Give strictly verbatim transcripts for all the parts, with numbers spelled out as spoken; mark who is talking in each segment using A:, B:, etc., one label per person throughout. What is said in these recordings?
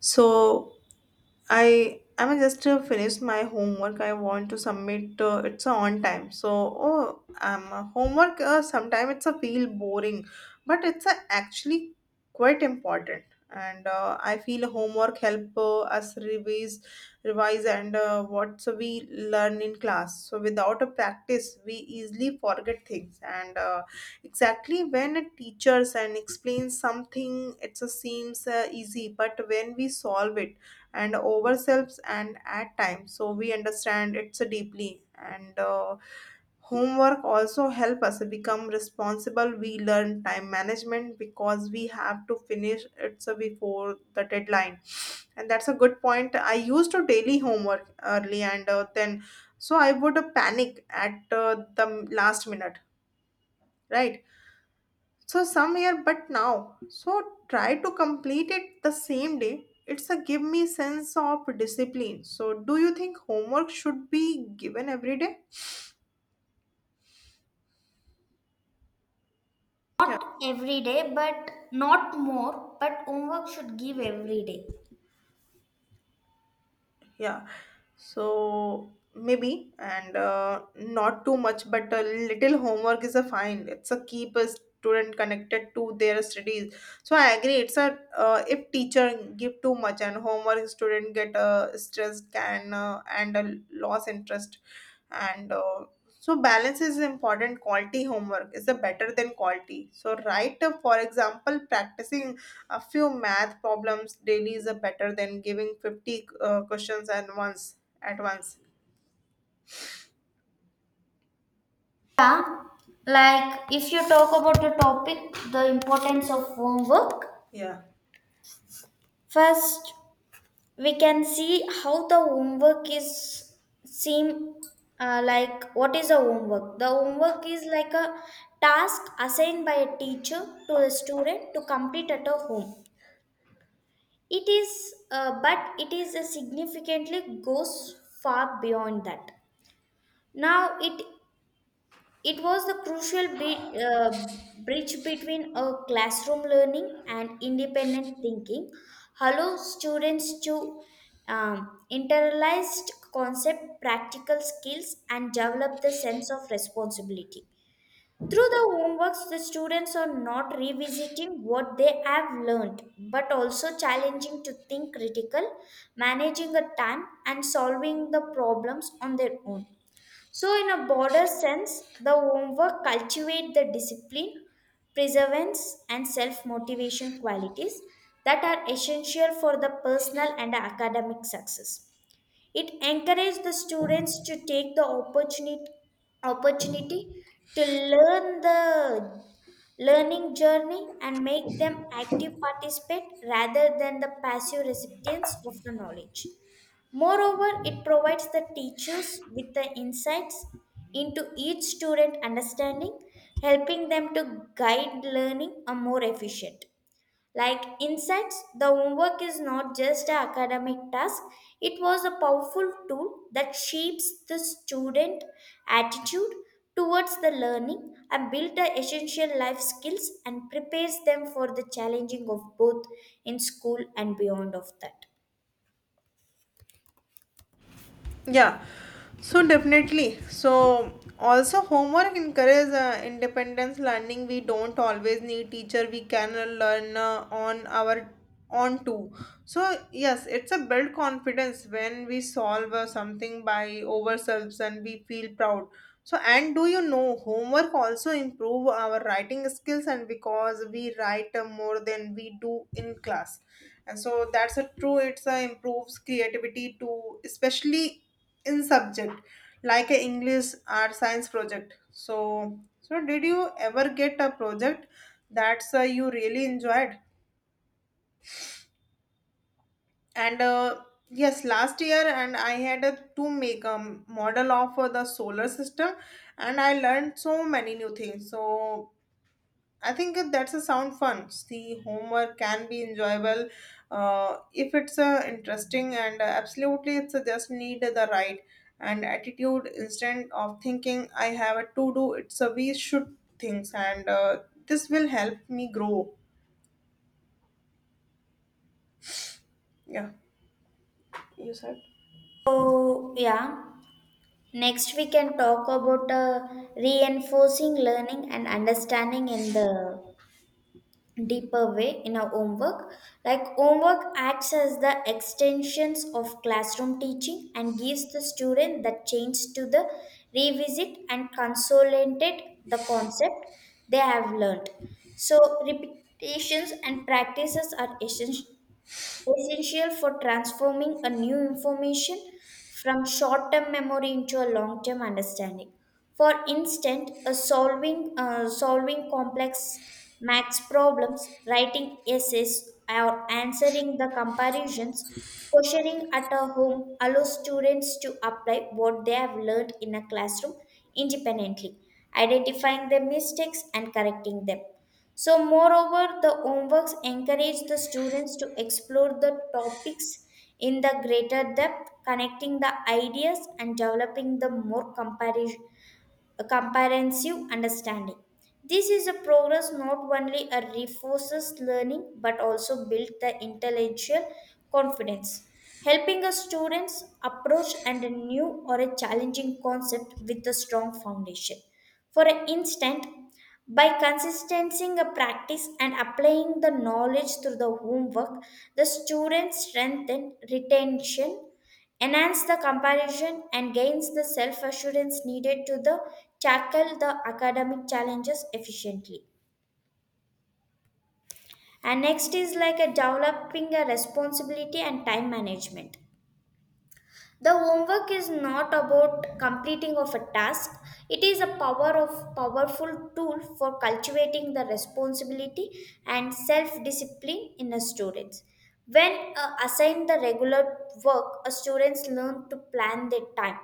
A: So I I mean just uh, finished my homework. I want to submit. Uh, it's on time. So oh, um, uh, homework. Uh, Sometimes it's a feel boring, but it's uh, actually quite important. And uh, I feel homework help uh, us revise, revise, and uh, what we learn in class. So without a practice, we easily forget things. And uh, exactly when a teachers and explains something, it uh, seems uh, easy. But when we solve it and ourselves and at times so we understand it's a deeply and uh, homework also help us become responsible, we learn time management because we have to finish it so before the deadline. And that's a good point. I used to daily homework early and uh, then so I would uh, panic at uh, the last minute, right. So somewhere, but now so try to complete it the same day. It's a give me sense of discipline. So do you think homework should be given every day? Yeah.
B: Not every day, but not more, but homework should give every day.
A: Yeah, so maybe and uh, not too much but a little homework is a fine, it's a keep a student connected to their studies. So I agree. It's a uh, if teacher give too much and homework, student get uh, stressed, can uh, and uh, loss interest. And uh, So balance is important. Quality homework is a better than quality. So right, uh, for example, practicing a few math problems daily is a better than giving fifty uh, questions at once. At once.
B: Yeah, like if you talk about the topic, the importance of homework,
A: Yeah.
B: first we can see how the homework is seem uh, like what is a homework? The homework is like a task assigned by a teacher to a student to complete at a home. It is, uh, but it is a significantly goes far beyond that. Now it it was the crucial be- uh, bridge between a classroom learning and independent thinking, allow students to um, internalized concept, practical skills, and develop the sense of responsibility. Through the homeworks, the students are not revisiting what they have learned, but also challenging to think critical, managing the time, and solving the problems on their own. So, in a broader sense, the homework cultivate the discipline, perseverance, and self-motivation qualities that are essential for the personal and academic success. It encouraged the students to take the opportunity opportunity to learn the learning journey and make them active participate rather than the passive recipients of the knowledge. Moreover, it provides the teachers with the insights into each student understanding, helping them to guide learning a more efficient. Like insights, the homework is not just an academic task, it was a powerful tool that shapes the student attitude towards the learning and build the essential life skills and prepares them for the challenging of both in school and beyond of that.
A: Yeah, so definitely. So also homework encourage uh, independence learning. We don't always need teacher. We can uh, learn uh, on our on too. So yes, it's a build confidence when we solve uh, something by ourselves and we feel proud. So and do you know homework also improve our writing skills and because we write uh, more than we do in class. And so that's a true, it's a improves creativity too, especially in subject like a English or science project. So so did you ever get a project that's uh, you really enjoyed and uh, yes, last year and I had a, to make a model of uh, the solar system and I learned so many new things. So I think that that's a sound fun. See, homework can be enjoyable uh, if it's uh, interesting, and uh, absolutely, it's uh, just need the right and attitude instead of thinking I have a to do. It's a we should things, and uh, this will help me grow. Yeah, you said.
B: So yeah. Next, we can talk about uh, reinforcing learning and understanding in the deeper way in our homework. Like, homework acts as the extensions of classroom teaching and gives the student the chance to the revisit and consolidate the concept they have learned. So, repetitions and practices are essen- essential for transforming a new information from short-term memory into a long-term understanding. For instance, a solving uh, solving complex maths problems, writing essays, or answering the comparisons, questioning at a home allows students to apply what they have learned in a classroom independently, identifying their mistakes and correcting them. So, moreover, the homeworks encourage the students to explore the topics in the greater depth, connecting the ideas and developing the more comparison a comprehensive understanding. This is a progress not only a reinforces learning but also build the intellectual confidence, helping a students approach and a new or a challenging concept with a strong foundation. For instance, by consistency a practice and applying the knowledge through the homework, the students strengthen retention enhance the comparison and gains the self-assurance needed to the tackle the academic challenges efficiently and next is like a developing a responsibility and time management the homework is not about completing of a task it is a power of powerful tool for cultivating the responsibility and self discipline in a students when uh, assigned the regular work a students learn to plan their time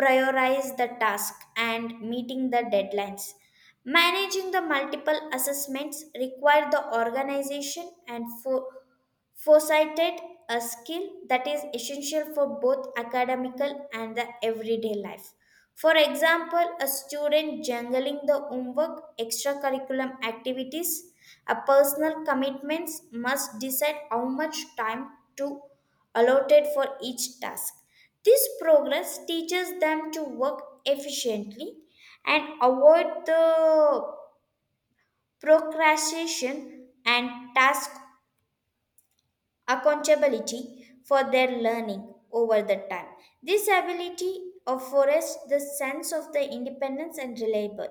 B: prioritize the task and meeting the deadlines. Managing the multiple assessments require the organization and fo- Foresighted, a skill that is essential for both academical and the everyday life. For example, a student juggling the homework, extracurricular activities, a personal commitments must decide how much time to allotted for each task. This progress teaches them to work efficiently and avoid the procrastination and task accountability for their learning over the time. This ability affords the sense of the independence and reliable.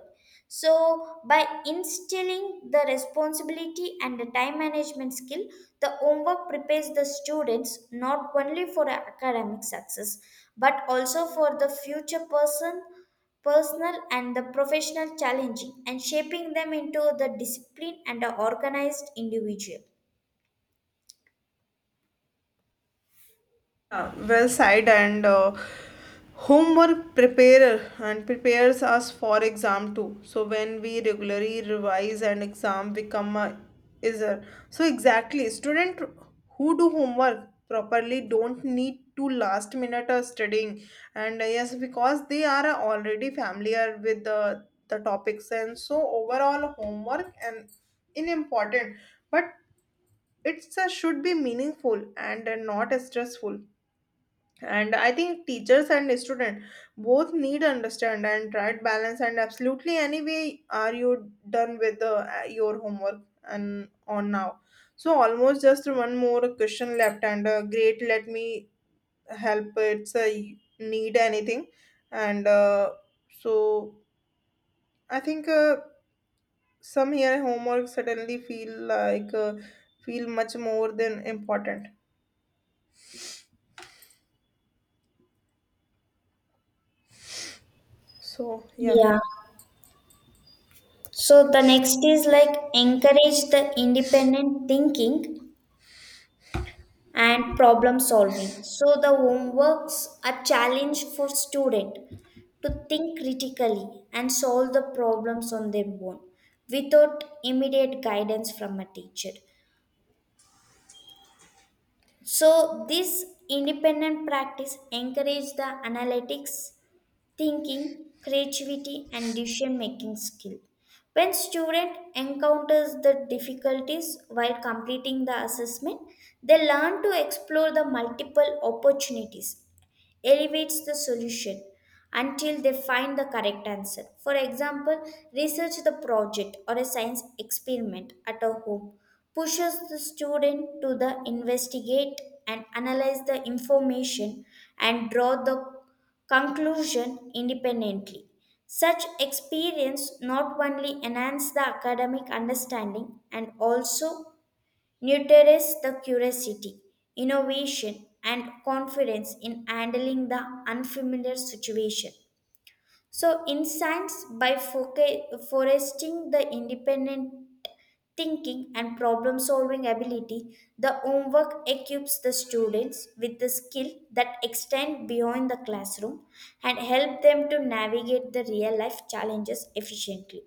B: So by instilling the responsibility and the time management skill, the homework prepares the students not only for academic success but also for the future person personal and the professional challenging and shaping them into the disciplined and the organized individual.
A: Yeah, well said and uh, homework preparer and prepares us for exam too, so when we regularly revise and exam become a easier. So exactly, student who do homework properly don't need to last minute uh, studying and uh, yes, because they are uh, already familiar with the the topics. And so overall homework and in important but it's uh, should be meaningful and uh, not stressful and I think teachers and student both need understand and try to balance. And absolutely, anyway, are you done with the, uh, your homework and on now? So almost, just one more question left and uh, great, let me help it's a need anything. And uh, so I think uh, some here homework suddenly feel like uh, feel much more than important. So yeah.
B: Yeah. So the next is like encourage the independent thinking and problem solving. So the homeworks a challenge for student to think critically and solve the problems on their own without immediate guidance from a teacher. So this independent practice encourage the analytics thinking, creativity, and decision making skill. When student encounters the difficulties while completing the assessment, they learn to explore the multiple opportunities elevates the solution until they find the correct answer. For example, research the project or a science experiment at a home pushes the student to the investigate and analyze the information and draw the conclusion independently. Such experience not only enhance the academic understanding and also nurtures the curiosity, innovation, and confidence in handling the unfamiliar situation. So, in science, by foca- foresting the independent thinking and problem solving ability, the homework equips the students with the skill that extend beyond the classroom and help them to navigate the real life challenges efficiently.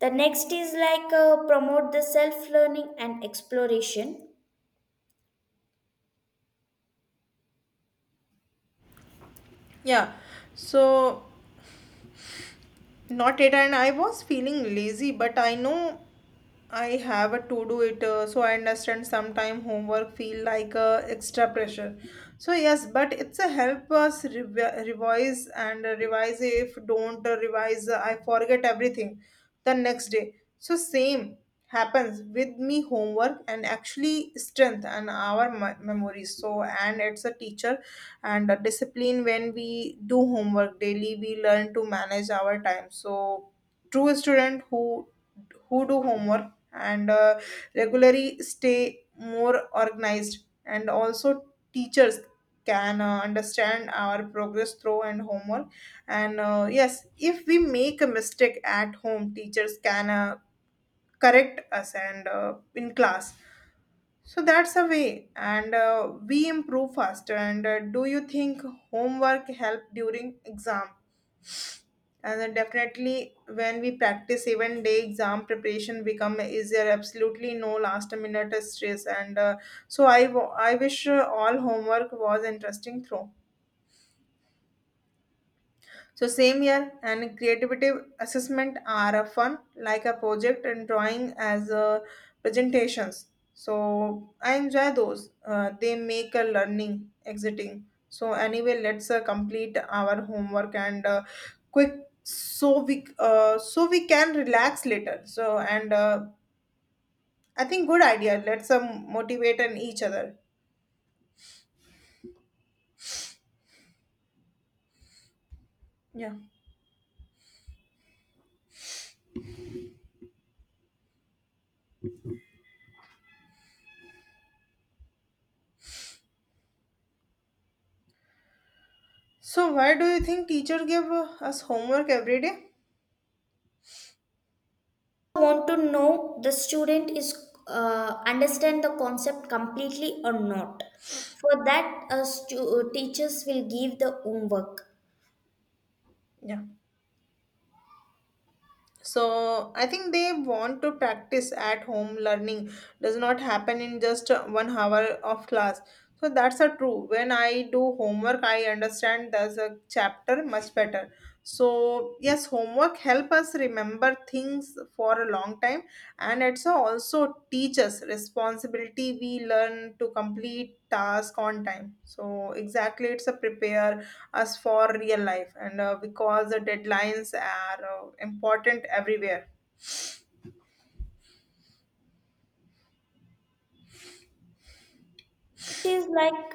B: The next is like uh, promote the self learning and exploration
A: Yeah, so not it and I was feeling lazy but I know I have a to do it, uh, so I understand sometime homework feel like uh, extra pressure. So yes, but it's a help us revi- revise and uh, revise, if don't uh, revise uh, I forget everything the next day. So same happens with me, homework and actually strength and our me- memory. So and it's a teacher and uh, discipline. When we do homework daily we learn to manage our time. So true, student who who do homework and uh, regularly stay more organized. And also teachers can uh, understand our progress through and homework and uh, yes, if we make a mistake at home, teachers can uh, correct us and uh, in class. So that's a way, and uh, we improve faster. And uh, Do you think homework help during exam? And then definitely, when we practice even day, exam preparation become, is there absolutely no last minute stress. And uh, so I, w- I wish uh, all homework was interesting through. So same year and creative assessment are a fun like a project and drawing as a presentations. So I enjoy those. Uh, they make a learning exciting. So anyway, let's uh, complete our homework and uh, quick so we uh, so we can relax later. So and uh, I think good idea. Let's uh, motivate and each other. Yeah. So why do you think teacher give uh, us homework every day?
B: want to know the student is uh, understand the concept completely or not for that uh, stu- teachers will give the homework
A: Yeah. So I think they want to practice at home, learning does not happen in just uh, one hour of class. So that's a true, when I do homework I understand there's a chapter much better. So yes, homework help us remember things for a long time. And it's also teach us responsibility, we learn to complete task on time. So exactly, it's a prepare as for real life and uh, because the deadlines are uh, important everywhere.
B: it is like.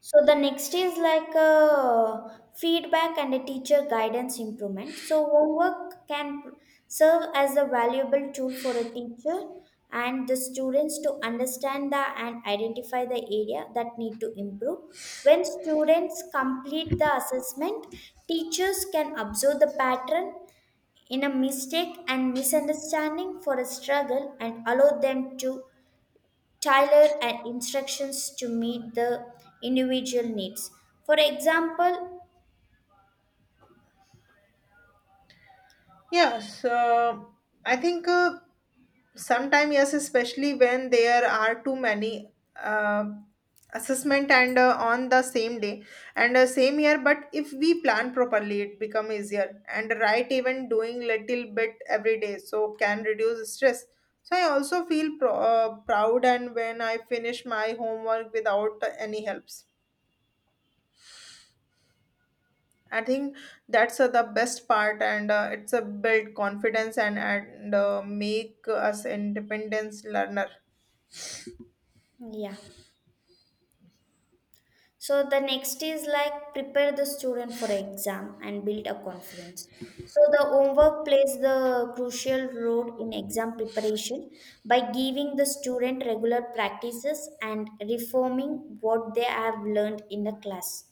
B: So the next is like a feedback and a teacher guidance improvement. So homework can serve as a valuable tool for a teacher and the students to understand the and identify the area that need to improve. When students complete the assessment, teachers can observe the pattern in a mistake and misunderstanding for a struggle and allow them to tailored and instructions to meet the individual needs. For example,
A: Yeah, so I think uh, sometime yes, especially when there are too many uh, assessment and uh, on the same day and uh, same year. But if we plan properly it become easier and right, even doing little bit every day so can reduce stress. So I also feel pro- uh, proud and when I finish my homework without any helps. I think that's uh, the best part, and uh, it's a build confidence and and uh, make us independence learner.
B: yeah. So the next is like prepare the student for exam and build a confidence. So the homework plays the crucial role in exam preparation by giving the student regular practices and reforming what they have learned in the class.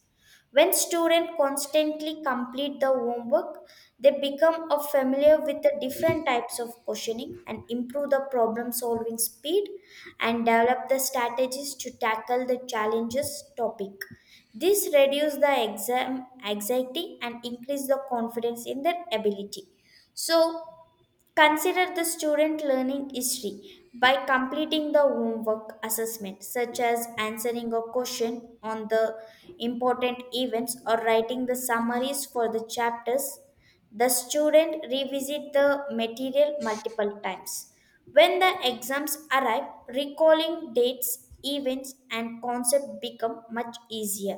B: When students constantly complete the homework, they become a familiar with the different types of questioning and improve the problem solving speed and develop the strategies to tackle the challenges topic. This reduces the exam anxiety and increase the confidence in their ability. So, consider the student learning history by completing the homework assessment, such as answering a question on the important events or writing the summaries for the chapters. The student revisit the material multiple times. When the exams arrive, recalling dates, events, and concepts become much easier.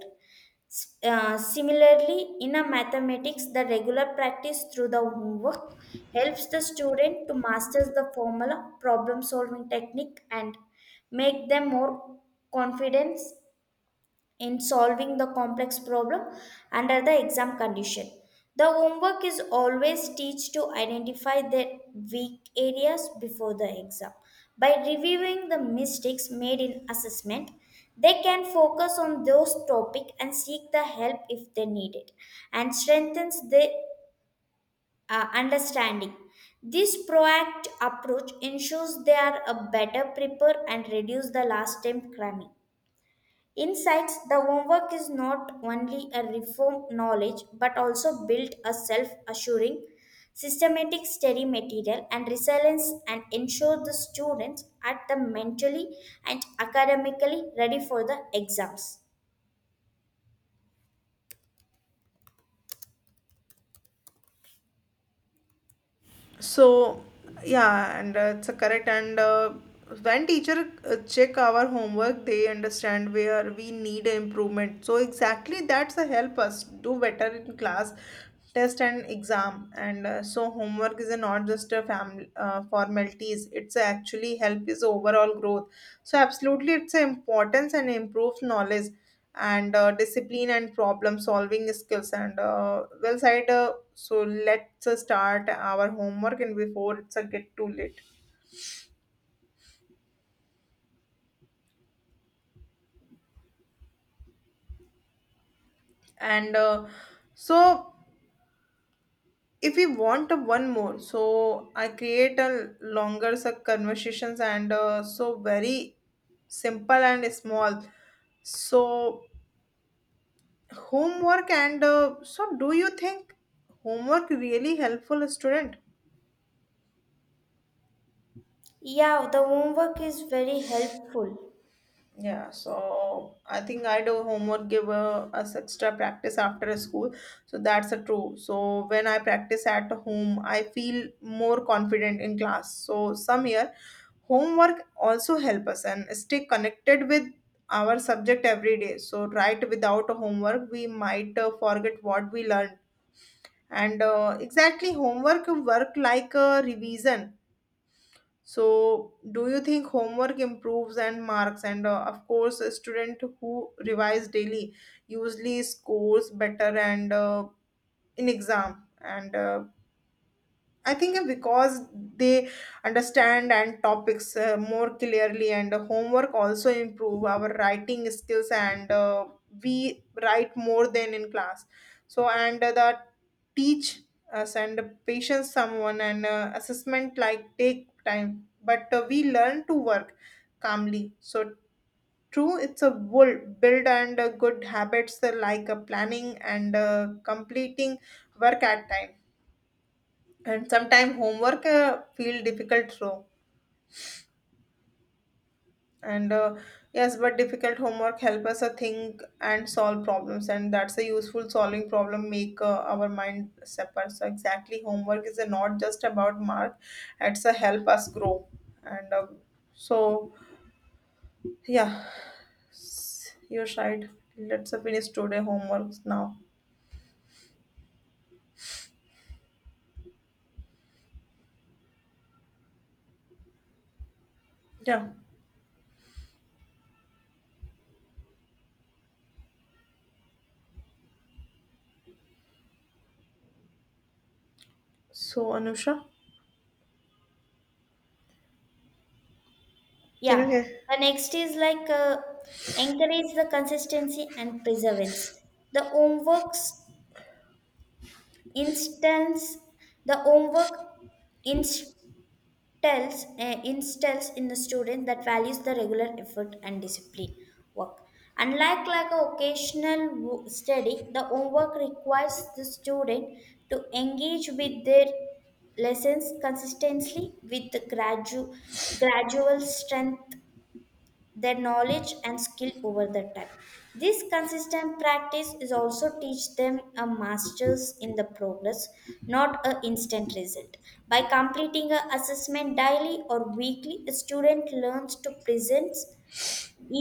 B: S- uh, similarly, in a mathematics, the regular practice through the homework helps the student to master the formula, problem solving technique, and make them more confident in solving the complex problem under the exam condition. The homework is always teach to identify their weak areas before the exam. By reviewing the mistakes made in assessment, they can focus on those topic and seek the help if they need it and strengthens their uh, understanding. This proactive approach ensures they are a better prepare and reduce the last time cramming. Insights the homework is not only a reform knowledge but also build a self assuring, systematic study material and resilience and ensure the students are the mentally and academically ready for the exams.
A: So, yeah, and uh, it's a correct. And uh, When teacher uh, check our homework, they understand where we need improvement. So exactly, that's a help us do better in class, test and exam. And uh, so homework is a not just a family uh, formalities. It's a actually help is overall growth. So absolutely, it's a importance and improves knowledge and uh, discipline and problem solving skills and uh, well said uh, so let's uh, start our homework and before it's a get too late. And uh, so if we want a one more, so I create a longer so conversations and uh, so very simple and small. So homework and uh, so do you think homework really helpful a student?
B: Yeah, the homework is very helpful.
A: Yeah, so I think I do homework give uh, us extra practice after a school. So that's a true. So when I practice at home, I feel more confident in class. So some year homework also help us and stay connected with our subject every day. So right, without homework, we might uh, forget what we learned. And uh, Exactly, homework work like a revision. So, do you think homework improves and marks? And uh, Of course, a student who revise daily usually scores better and uh, in exam. And uh, I think because they understand and topics uh, more clearly, and uh, homework also improve our writing skills, and uh, we write more than in class. So, and uh, the teach us and patience someone and uh, assessment like take time but uh, we learn to work calmly. So true, it's a bull, build and uh, good habits uh, like uh, planning and uh, completing work at time. And sometimes homework uh, feel difficult so and uh, yes, but difficult homework help us uh, think and solve problems. And that's a useful, solving problem make uh, our mind separate. So exactly, homework is uh, not just about mark, it's a help us grow and uh, so yeah. S- your side, let's uh, finish today homeworks now. Yeah. So Anusha, can you
B: Yeah.
A: hear?
B: The next is like uh, encourage the consistency and perseverance. The homeworks instance, the homework inst- tells uh, Instills in the student that values the regular effort and discipline work unlike like a occasional wo- study the homework requires the student to engage with their lessons consistently with the gradu- gradual strength their knowledge and skill over the time. This consistent practice is also teach them a masters in the progress, not a instant result. By completing a assessment daily or weekly, a student learns to present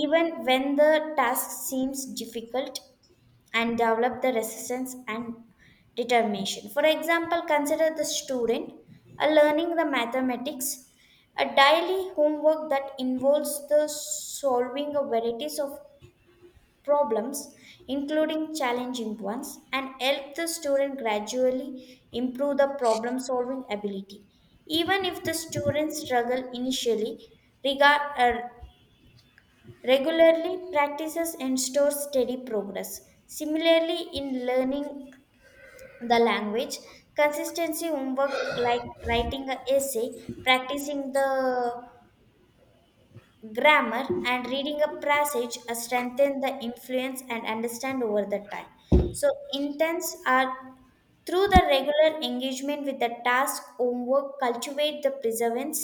B: even when the task seems difficult and develop the resistance and determination. For example, consider the student uh, learning the mathematics, a daily homework that involves the solving a varieties of problems, including challenging ones, and help the student gradually improve the problem solving ability. Even if the students struggle initially, regard, uh, regularly practices and stores steady progress. Similarly, in learning the language, consistency homework like writing an essay, practicing the grammar and reading a passage uh, strengthen the influence and understand over the time so intents are through the regular engagement with the task homework cultivate the perseverance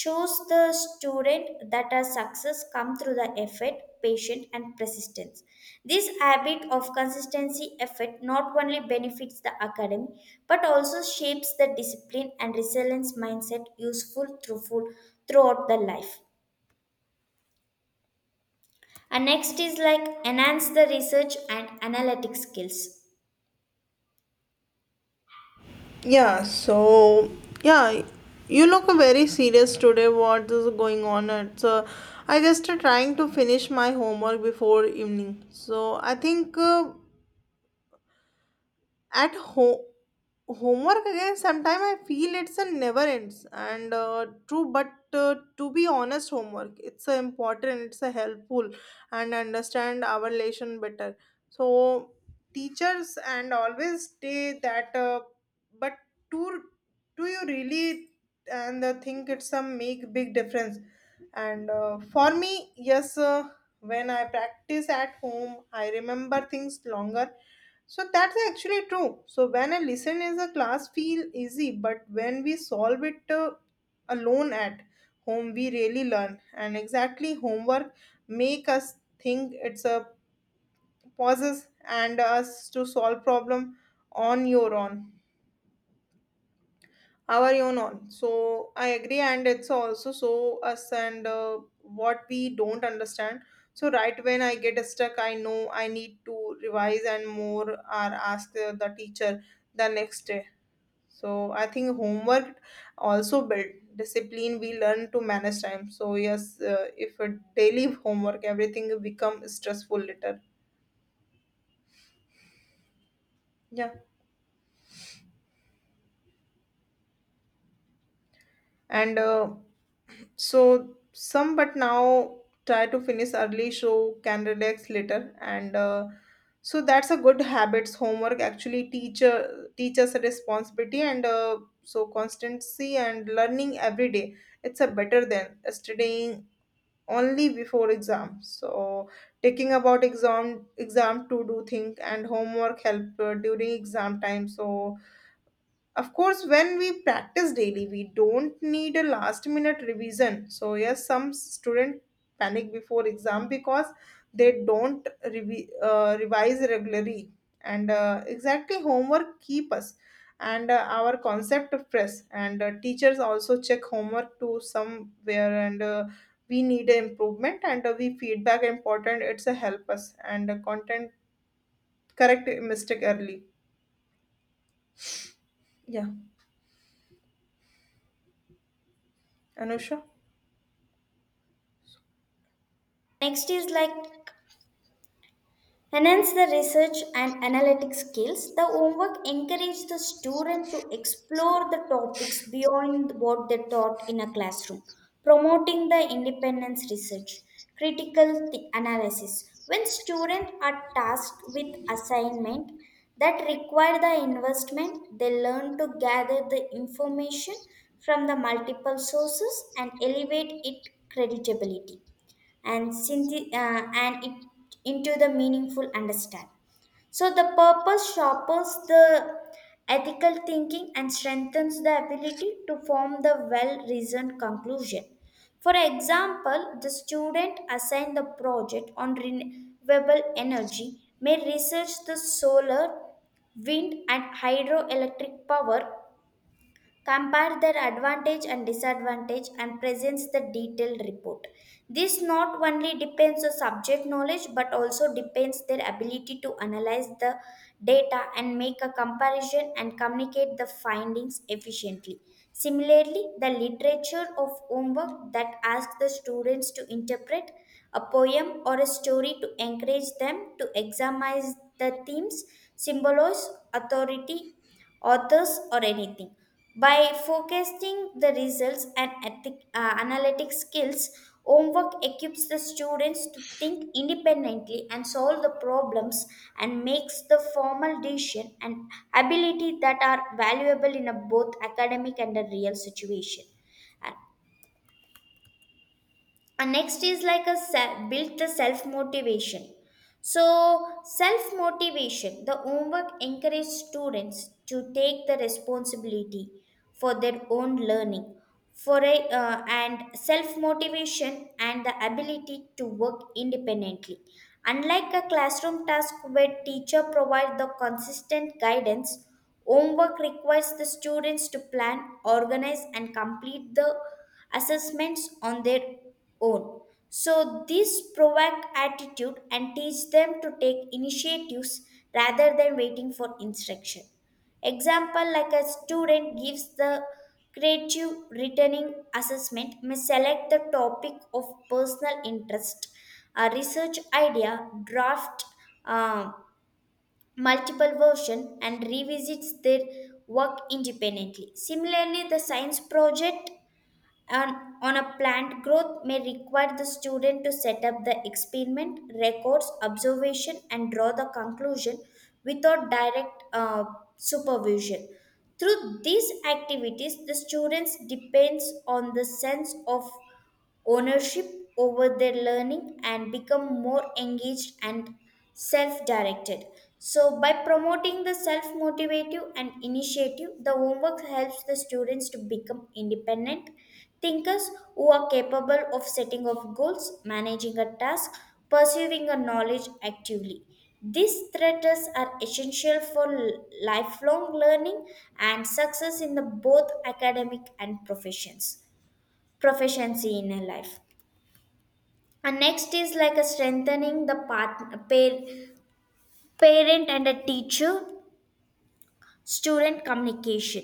B: shows the student that a success come through the effort patience and persistence this habit of consistency effort not only benefits the academy but also shapes the discipline and resilience mindset useful through full- throughout the life and next is like enhance the research and analytic skills.
A: Yeah, so yeah, you look very serious today. What is going on? It's uh, I just uh, trying to finish my homework before evening. So I think uh, at home homework again. Sometimes I feel it's a never ends and uh, true, but uh, to be honest, homework it's a important, it's a helpful and understand our relation better. So teachers and always say that uh, but do do you really and uh, think it's a make big difference and uh, for me yes uh, when I practice at home I remember things longer. So that's actually true. So when a listen is a class feel easy, but when we solve it uh, alone at home, we really learn. And exactly homework make us think. It's a pauses and us to solve problem on your own, our own on. So I agree, and it's also so us and uh, what we don't understand. So right, when I get stuck, I know I need to revise and more or ask uh, the teacher the next day. So I think homework also build discipline. We learn to manage time. So yes, uh, if a daily homework, everything will become stressful later. Yeah, and uh, so some, but now try to finish early, so can relax later, and uh, so that's a good habits. Homework actually teach uh, teach us a responsibility and uh, so constancy and learning every day. It's a better than studying only before exam so taking about exam exam to do think and homework help uh, during exam time so of course, when we practice daily, we don't need a last minute revision. So, yes, some student panic before exam because they don't revi- uh, revise regularly. And uh, Exactly homework keep us and uh, our concept of press and uh, teachers also check homework to somewhere and uh, we need a improvement and uh, we feedback important it's a help us and uh, content correct mistake early. Yeah. Anusha.
B: Next is like enhance the research and analytic skills. The homework encourages the student to explore the topics beyond what they taught in a classroom, promoting the independence research, critical thi- analysis. When students are tasked with assignment that require the investment, they learn to gather the information from the multiple sources and elevate it credibility and synth- uh, and it into the meaningful understand. So the purpose sharpens the ethical thinking and strengthens the ability to form the well-reasoned conclusion. For example, the student assigned the project on renewable energy may research the solar, wind, and hydroelectric power, compare their advantage and disadvantage, and presents the detailed report. This not only depends on subject knowledge but also depends their ability to analyze the data and make a comparison and communicate the findings efficiently. Similarly, the literature of homework that asks the students to interpret a poem or a story to encourage them to examine the themes, symbolize, authority, authors or anything. By focusing the results and ethic, uh, analytic skills, homework equips the students to think independently and solve the problems and makes the formal decision and ability that are valuable in a both academic and a real situation. And next is like a se- build the self motivation. So self motivation, the homework encourage students to take the responsibility for their own learning, for a, uh, and self motivation and the ability to work independently. Unlike a classroom task where teacher provide the consistent guidance, homework requires the students to plan, organize and complete the assessments on their own. So this provoke attitude and teach them to take initiatives rather than waiting for instruction. Example, like a student gives the creative returning assessment may select the topic of personal interest, a research idea, draft uh, multiple version, and revisits their work independently. Similarly, the science project on, on a plant growth may require the student to set up the experiment, records observation and draw the conclusion without direct uh, supervision. Through these activities, the students depends on the sense of ownership over their learning and become more engaged and self directed. So, by promoting the self motivative and initiative, the homework helps the students to become independent thinkers who are capable of setting of goals, managing a task, pursuing a knowledge actively. These threats are essential for l- lifelong learning and success in the both academic and professions proficiency in a life. And next is like a strengthening the part, par- parent and a teacher student communication.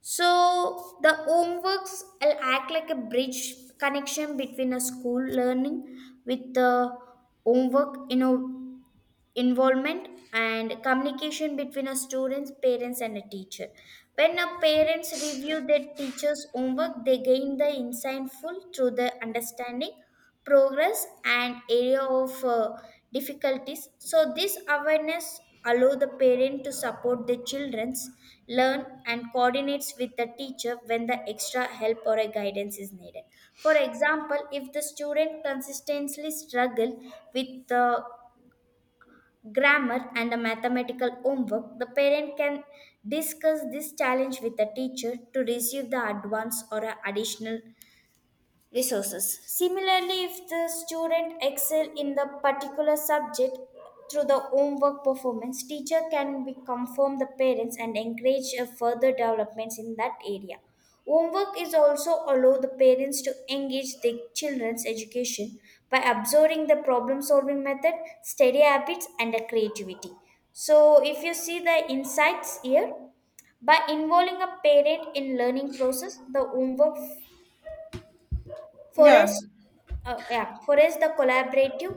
B: So the homeworks will act like a bridge connection between a school learning with the homework. You know, involvement and communication between a students parents and a teacher. When a parents review their teacher's homework, they gain the insightful through the understanding progress and area of uh, difficulties. So this awareness allow the parent to support their children's learn and coordinates with the teacher when the extra help or a guidance is needed. For example, if the student consistently struggle with the grammar and a mathematical homework, the parent can discuss this challenge with the teacher to receive the advance or a additional resources. Similarly, if the student excel in the particular subject through the homework performance, teacher can be confirm the parents and encourage a further developments in that area. Homework is also allow the parents to engage their children's education by observing the problem solving method, study habits, and the creativity. So, if you see the insights here, by involving a parent in learning process, the homework
A: Yeah.
B: Forest, uh, yeah, forest. The collaborative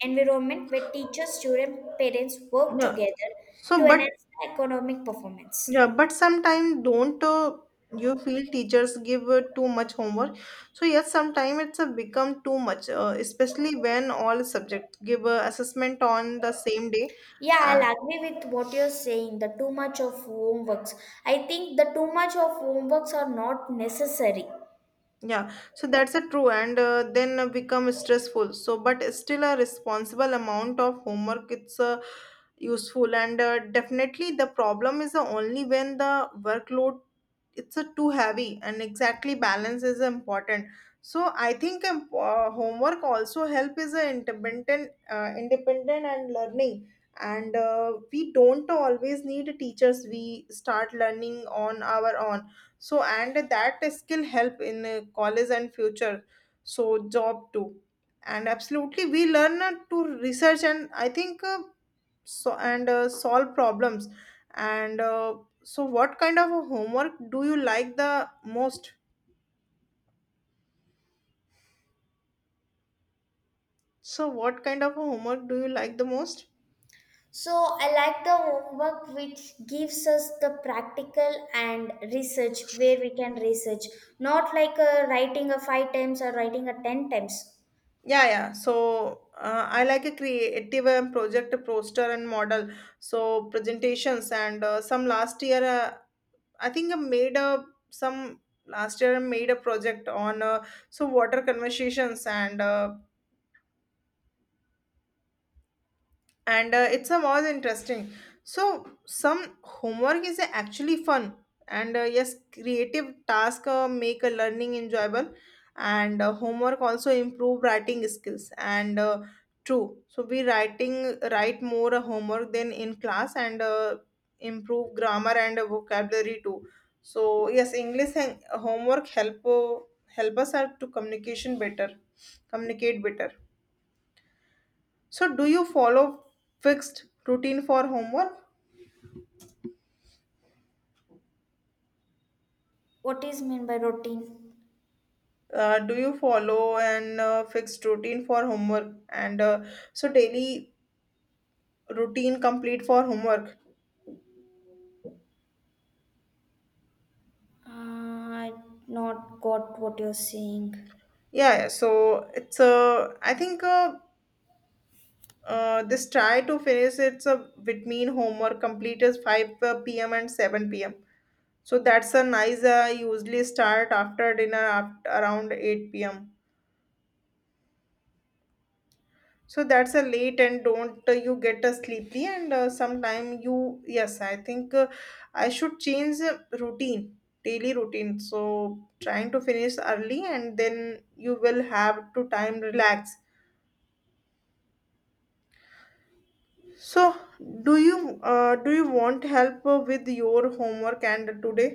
B: environment where teachers, students, parents work
A: Yeah.
B: together to
A: So, but
B: enhance the economic performance.
A: yeah, but sometimes don't uh, you feel teachers give uh, too much homework? So yes, sometimes it's uh, become too much, uh, especially when all subjects give uh, assessment on the same day.
B: Yeah,
A: Uh,
B: I'll agree with what you're saying. The too much of homeworks. I think the too much of homeworks are not necessary.
A: yeah, so that's a true, and uh, then uh, become stressful. So, but still a responsible amount of homework. It's uh, useful and uh, definitely the problem is uh, only when the workload it's a too heavy and exactly balance is important. So I think um, uh, homework also help is a independent uh, independent and learning and uh, we don't always need teachers, we start learning on our own. So and that skill help in uh, college and future, so job too. And absolutely we learn uh, to research and I think uh, so and uh, solve problems and uh, so, what kind of a homework do you like the most? So, what kind of a homework do you like the most?
B: So I like the homework which gives us the practical and research where we can research, not like uh, writing a five times or writing a ten times.
A: Yeah, yeah. So, uh, I like a creative and project poster and model. So, presentations and uh, some last year, uh, I think I made a some last year I made a project on uh, so water conversations and uh, and uh, it's a more interesting. So some homework is actually fun and uh, yes creative task uh, make a learning enjoyable and uh, homework also improve writing skills and uh, true so we writing write more uh, homework than in class and uh, improve grammar and uh, vocabulary too. So yes english and homework help uh, help us out to communication better, communicate better. So, do you follow fixed routine for homework?
B: What is meant by routine?
A: Uh, do you follow an uh, fixed routine for homework and uh, so daily routine complete for homework?
B: Uh, I not got what you're saying.
A: Yeah, yeah. So it's uh, I think uh, uh, this try to finish it's a between homework complete is five p m and seven p m. So that's a nice. Uh, usually start after dinner after around eight p m. So that's a late and don't uh, you get a sleepy and uh, sometime you yes I think uh, I should change uh, routine daily routine, so trying to finish early and then you will have to time relax. So do you uh, do you want help uh, with your homework and today?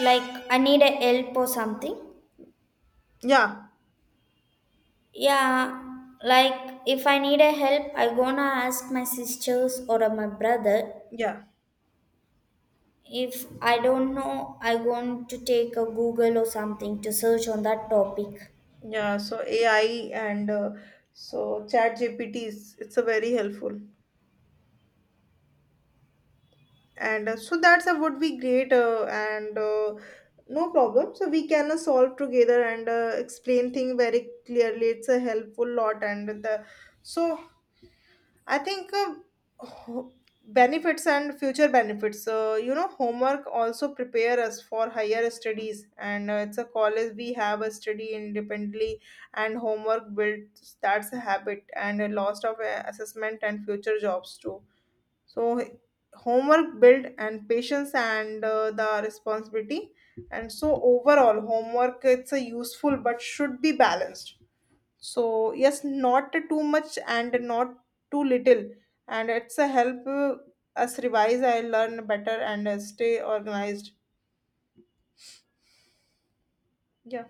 B: Like I need a help or something.
A: Yeah.
B: Yeah, like if I need a help, I gonna ask my sisters or my brother.
A: Yeah.
B: If I don't know, I going to take a Google or something to search on that topic.
A: Yeah, so A I and uh, so chat G P T is it's a very helpful and uh, so that's a would be great uh, and uh, no problem. So we can uh, solve together and uh, explain thing very clearly. It's a helpful lot and the so I think uh, ho- benefits and future benefits. So you know, homework also prepare us for higher studies, and uh, it's a college we have a study independently, and homework builds that's a habit and a loss of uh, assessment and future jobs too. So h- homework build and patience and uh, the responsibility and so overall homework it's a useful but should be balanced. So yes, not too much and not too little. And it's a help uh, us revise I learn better and uh, stay organized. Yeah.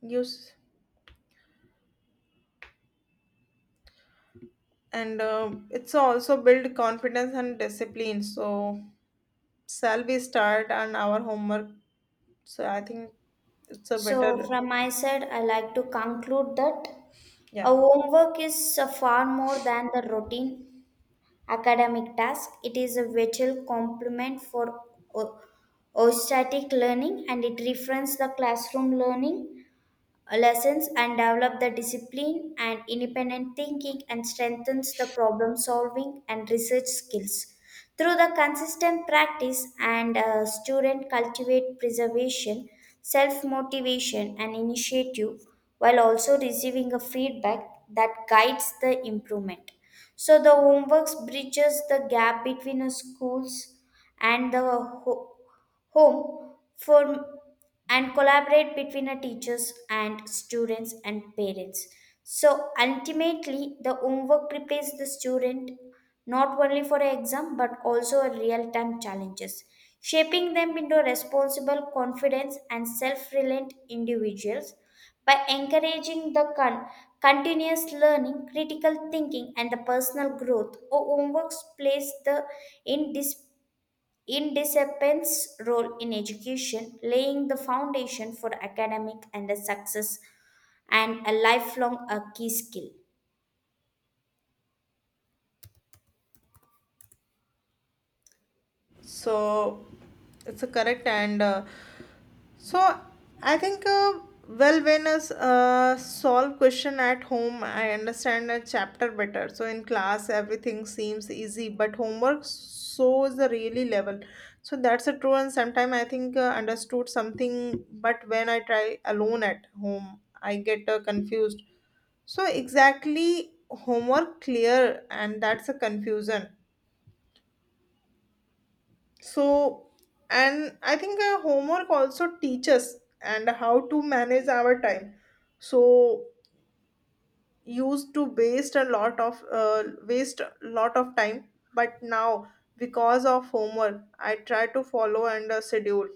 A: Use and uh, it's also build confidence and discipline. So shall we start on our homework? So I think it's a better.
B: So from my side, I like to conclude that
A: Yeah
B: a homework is uh, far more than the routine academic task. It is a vital complement for o- ostatic learning and it refers the classroom learning lessons and develop the discipline and independent thinking and strengthens the problem solving and research skills through the consistent practice and uh, student cultivate preservation, self motivation and initiative, while also receiving a feedback that guides the improvement. So the homeworks bridges the gap between a schools and the ho- home for and collaborate between the teachers and students and parents. So ultimately the homework prepares the student not only for an exam but also a real time challenges, shaping them into responsible, confident and self-reliant individuals. By encouraging the con- continuous learning, critical thinking and the personal growth, homework plays the indispensable Independence role in education, laying the foundation for academic and the success and a lifelong a key skill.
A: so it's a correct and uh, so I think uh, well when us uh, solve question at home I understand a chapter better, so in class everything seems easy but homework shows the really level. So that's a true and sometimes i think uh, understood something but when I try alone at home i get uh, confused. So exactly homework clear and that's a confusion. So, and I think our homework also teaches and how to manage our time. So, used to waste a lot of uh, waste a lot of time, but now because of homework, I try to follow and uh, schedule.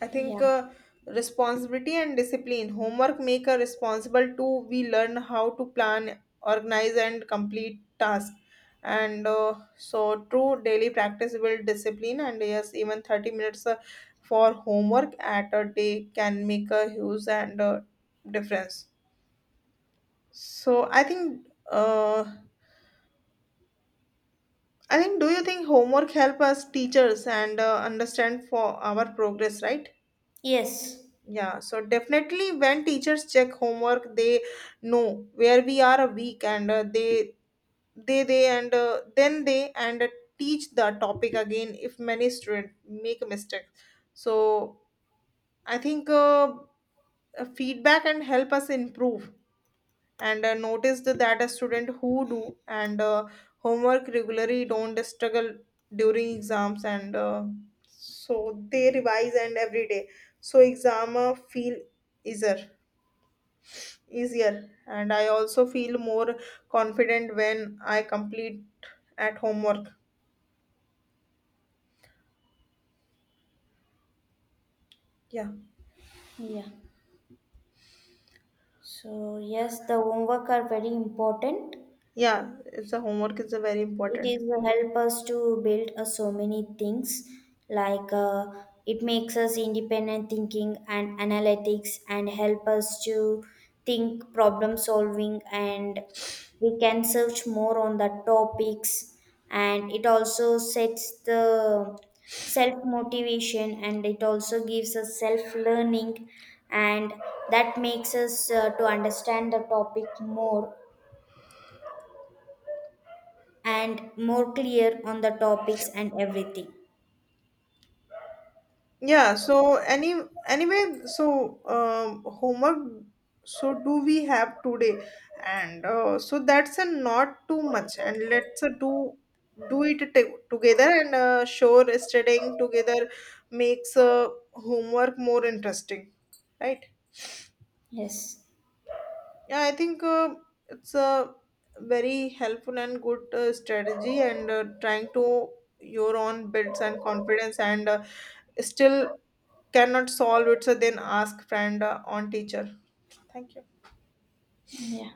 A: I think
B: Yeah.
A: uh, Responsibility and discipline. Homework make a responsible too. We learn how to plan, organize, and complete tasks. And uh, So, true daily practice will discipline. And yes, even thirty minutes uh, for homework at a day can make a huge and uh, difference. So, I think. Uh, I think. Do you think homework help us teachers and uh, understand for our progress? Right.
B: Yes.
A: Yeah, so definitely when teachers check homework, they know where we are a week and uh, they they they and uh, then they and uh, teach the topic again if many students make a mistake. So I think uh, uh, feedback and help us improve and uh, notice that a student who do and uh, homework regularly don't struggle during exams and uh, so they revise and every day. So exam uh, feel easier. Easier and I also feel more confident when I complete at homework. Yeah.
B: Yeah. So yes, the homework are very important.
A: Yeah it's a homework is a very
B: It
A: important.
B: is help us to build uh, so many things, like uh, it makes us independent thinking and analytics and help us to think problem solving and we can search more on the topics. And it also sets the self motivation and it also gives us self learning. And that makes us uh, to understand the topic more and more clear on the topics and everything.
A: Yeah so any anyway so um, homework so do we have today and uh, so that's a not too much and let's uh, do do it t- together and uh, sure studying together makes uh, homework more interesting, right?
B: Yes.
A: Yeah, I think uh, it's a very helpful and good uh, strategy, and uh, trying to your own builds and confidence, and uh, still cannot solve it. So then ask friend uh, on teacher. Thank you.
B: Yeah.